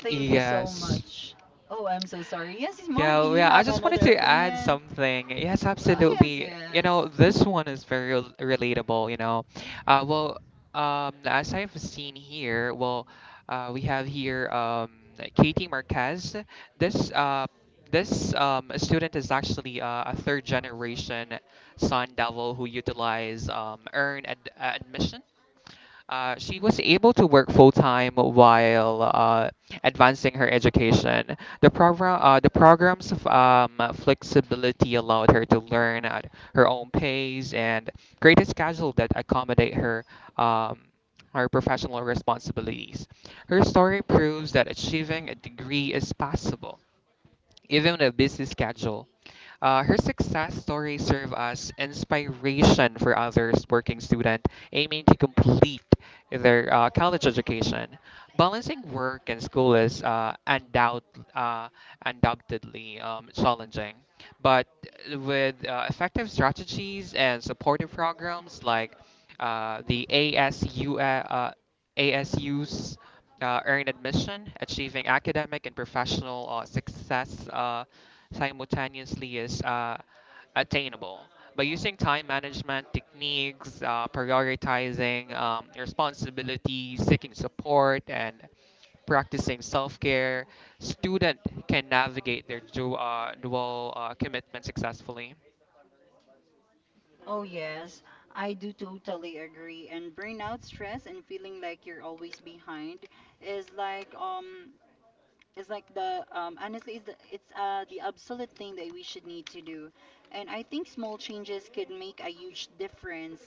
Speaker 1: Thank you so
Speaker 3: Yes.
Speaker 1: much. Oh, I'm so sorry. Yes, it's
Speaker 3: Yeah,
Speaker 1: Mark, do
Speaker 3: well,
Speaker 1: you
Speaker 3: yeah, I
Speaker 1: have
Speaker 3: just wanted
Speaker 1: another
Speaker 3: to add
Speaker 1: opinion?
Speaker 3: something. Yes,
Speaker 1: Oh, yes,
Speaker 3: absolutely. You
Speaker 1: yes.
Speaker 3: know, this one is very relatable, you know. Uh, well, as I've seen here, well, we have here Katie Marquez. This uh, this student is actually a third generation Sun Devil who utilize earn ad admission. She was able to work full time while advancing her education. The program's flexibility allowed her to learn at her own pace and create a schedule that accommodate her um, her professional responsibilities. Her story proves that achieving a degree is possible, even a busy schedule. Her success stories serve as inspiration for others working students aiming to complete their college education. Balancing work and school is uh, undoubtedly challenging, but with effective strategies and supportive programs like uh, the ASU. uh, ASU's earned admission, achieving academic and professional success simultaneously is attainable. By using time management techniques, prioritizing responsibilities, seeking support, and practicing self-care, student can navigate their dual commitment successfully.
Speaker 1: Oh, yes. I do totally agree. And burnout stress and feeling like you're always behind is like it's like the honestly it's the absolute thing that we should need to do. And I think small changes could make a huge difference.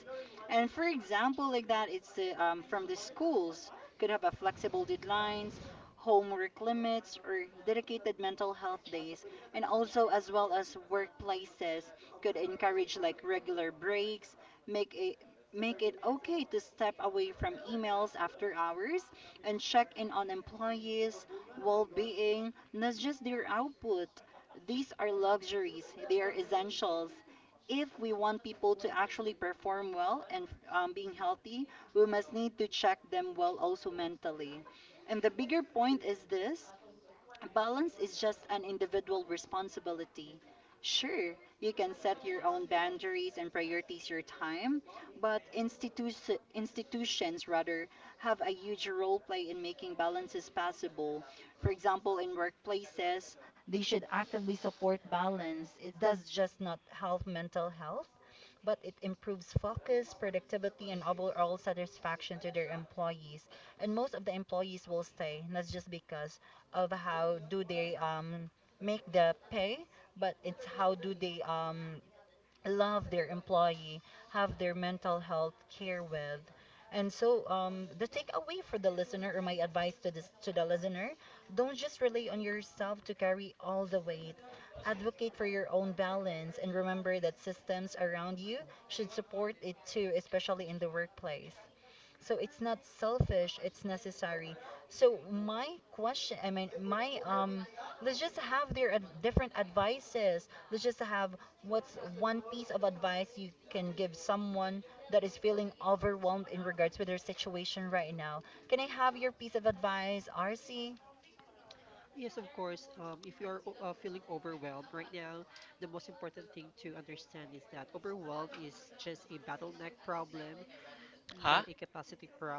Speaker 1: And for example, like that it's from the schools could have a flexible deadlines, homework limits or dedicated mental health days. And also as well as workplaces could encourage like regular breaks, make it make it okay to step away from emails after hours and check in on employees well being, not just their output. These are luxuries, they are essentials. If we want people to actually perform well and being healthy, we must need to check them well also mentally. And the bigger point is this: balance is just an individual responsibility. Sure, you can set your own boundaries and prioritize your time, but institutions rather have a huge role play in making balances possible. For example, in workplaces, they should actively support balance. It does just not help mental health, but it improves focus, productivity, and overall satisfaction to their employees. And most of the employees will stay, not just because of how do they make the pay, but it's how do they love their employee, have their mental health care with. And so the takeaway for the listener, or my advice to this to the listener, don't just rely on yourself to carry all the weight. Advocate for your own balance and remember that systems around you should support it too, especially in the workplace. So it's not selfish, it's necessary. So my question, I mean, my let's just have their different advices. Let's just have what's one piece of advice you can give someone that is feeling overwhelmed in regards with their situation right now. Can I have your piece of advice, RC?
Speaker 2: Yes, of course. If you are feeling overwhelmed right now, the most important thing to understand is that overwhelm is just a bottleneck problem, not a
Speaker 3: Huh?
Speaker 2: capacity problem.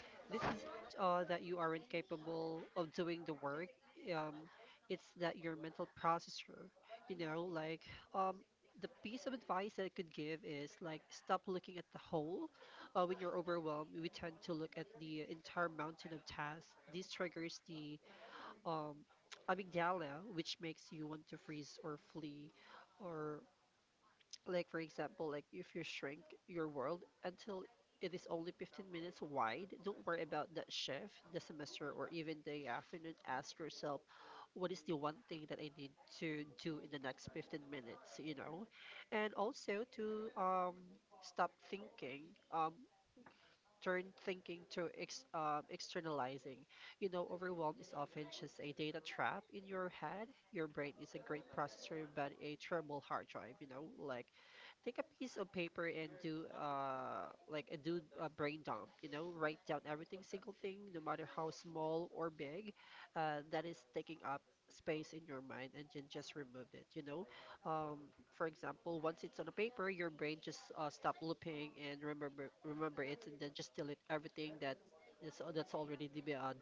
Speaker 2: This is that you aren't capable of doing the work. Um, it's that your mental processor, you know, like, um, the piece of advice that I could give is like stop looking at the whole. When you're overwhelmed, we tend to look at the entire mountain of tasks. This triggers the um, amygdala, which makes you want to freeze or flee. Or like for example, like if you shrink your world until it is only 15 minutes wide, don't worry about that shift, the semester, or even the afternoon. Ask yourself, what is the one thing that I need to do in the next 15 minutes, you know? And also to stop thinking, um, turn thinking to ex externalizing. You know, overwhelm is often just a data trap in your head. Your brain is a great processor, but a terrible hard drive, you know? Like, take a piece of paper and do a brain dump, you know, write down everything single thing, no matter how small or big, that is taking up space in your mind, and then just remove it, you know. um, for example, once it's on a paper, your brain just stop looping and remember it, and then just delete everything that is that's already to be, done.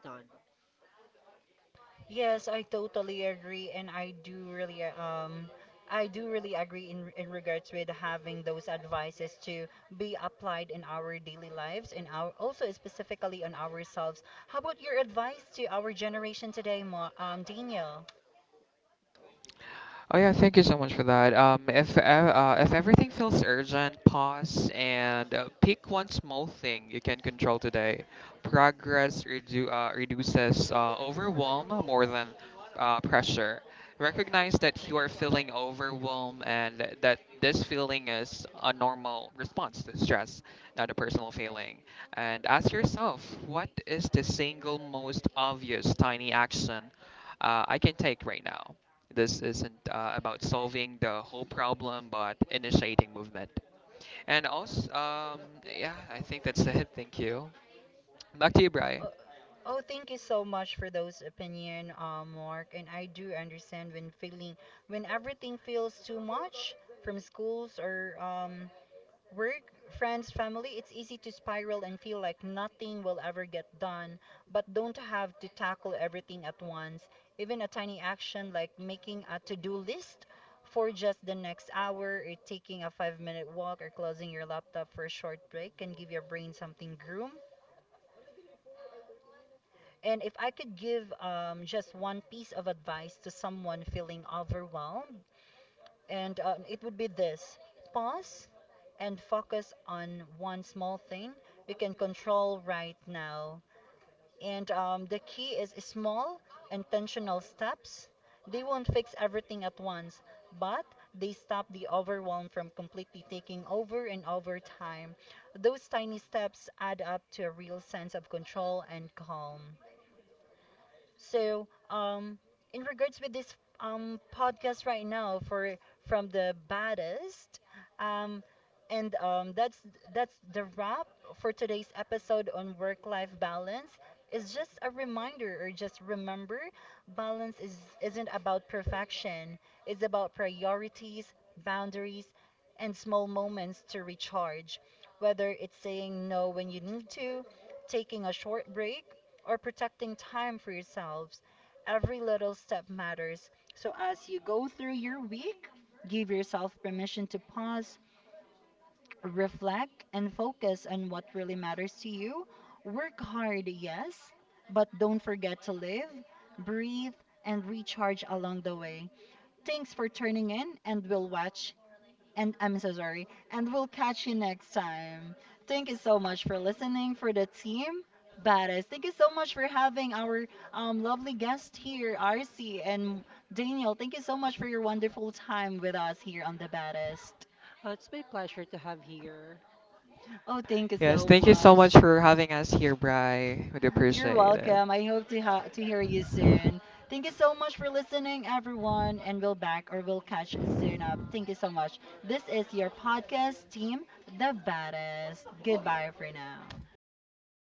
Speaker 1: Yes, I totally agree, and I do really agree in regards with having those advices to be applied in our daily lives and our also specifically on ourselves. How about your advice to our generation today, Ma Daniel?
Speaker 3: Oh yeah, thank you so much for that. If everything feels urgent, pause and pick one small thing you can control today. Reduces overwhelm more than pressure. Recognize that you are feeling overwhelmed and that this feeling is a normal response to stress, not a personal feeling. And ask yourself, what is the single most obvious tiny action I can take right now? This isn't about solving the whole problem, but initiating movement. And also, um, yeah, I think that's it. Thank you. Back to you, Bri.
Speaker 1: Uh, Oh, thank you so much for those opinion, Mark. And I do understand when feeling when everything feels too much from schools or work, friends, family, it's easy to spiral and feel like nothing will ever get done, but don't have to tackle everything at once. Even a tiny action like making a to do list for just the next hour, or taking a five-minute walk, or closing your laptop for a short break can give your brain something groom. And if I could give just one piece of advice to someone feeling overwhelmed, and it would be this: pause and focus on one small thing you can control right now. And the key is small intentional steps. They won't fix everything at once, but they stop the overwhelm from completely taking over, and over time those tiny steps add up to a real sense of control and calm. So, in regards with this podcast right now for from the Baddest, um, and that's the wrap for today's episode on work-life balance. It's just a reminder, or just remember, balance is isn't about perfection. It's about priorities, boundaries, and small moments to recharge. Whether it's saying no when you need to, taking a short break or protecting time for yourselves, every little step matters. So as you go through your week, give yourself permission to pause, reflect, and focus on what really matters to you. Work hard, yes, but don't forget to live, breathe, and recharge along the way. Thanks for turning in, and we'll watch and I'm so sorry. And we'll catch you next time. Thank you so much for listening for the team. Badass. Thank you so much for having our lovely guest here, RC and Daniel. Thank you so much for your wonderful time with us here on the Baddest.
Speaker 2: It's my pleasure to have here.
Speaker 1: Oh, thank you
Speaker 3: Yes,
Speaker 1: so
Speaker 3: thank you so much
Speaker 1: much.
Speaker 3: for having us here, Bri. We do
Speaker 1: You're
Speaker 3: appreciate it.
Speaker 1: welcome. I hope to hear you soon. Thank you so much for listening, everyone, and we'll back or we'll catch soon up. Thank you so much. This is your podcast team, the Baddest. Goodbye for now.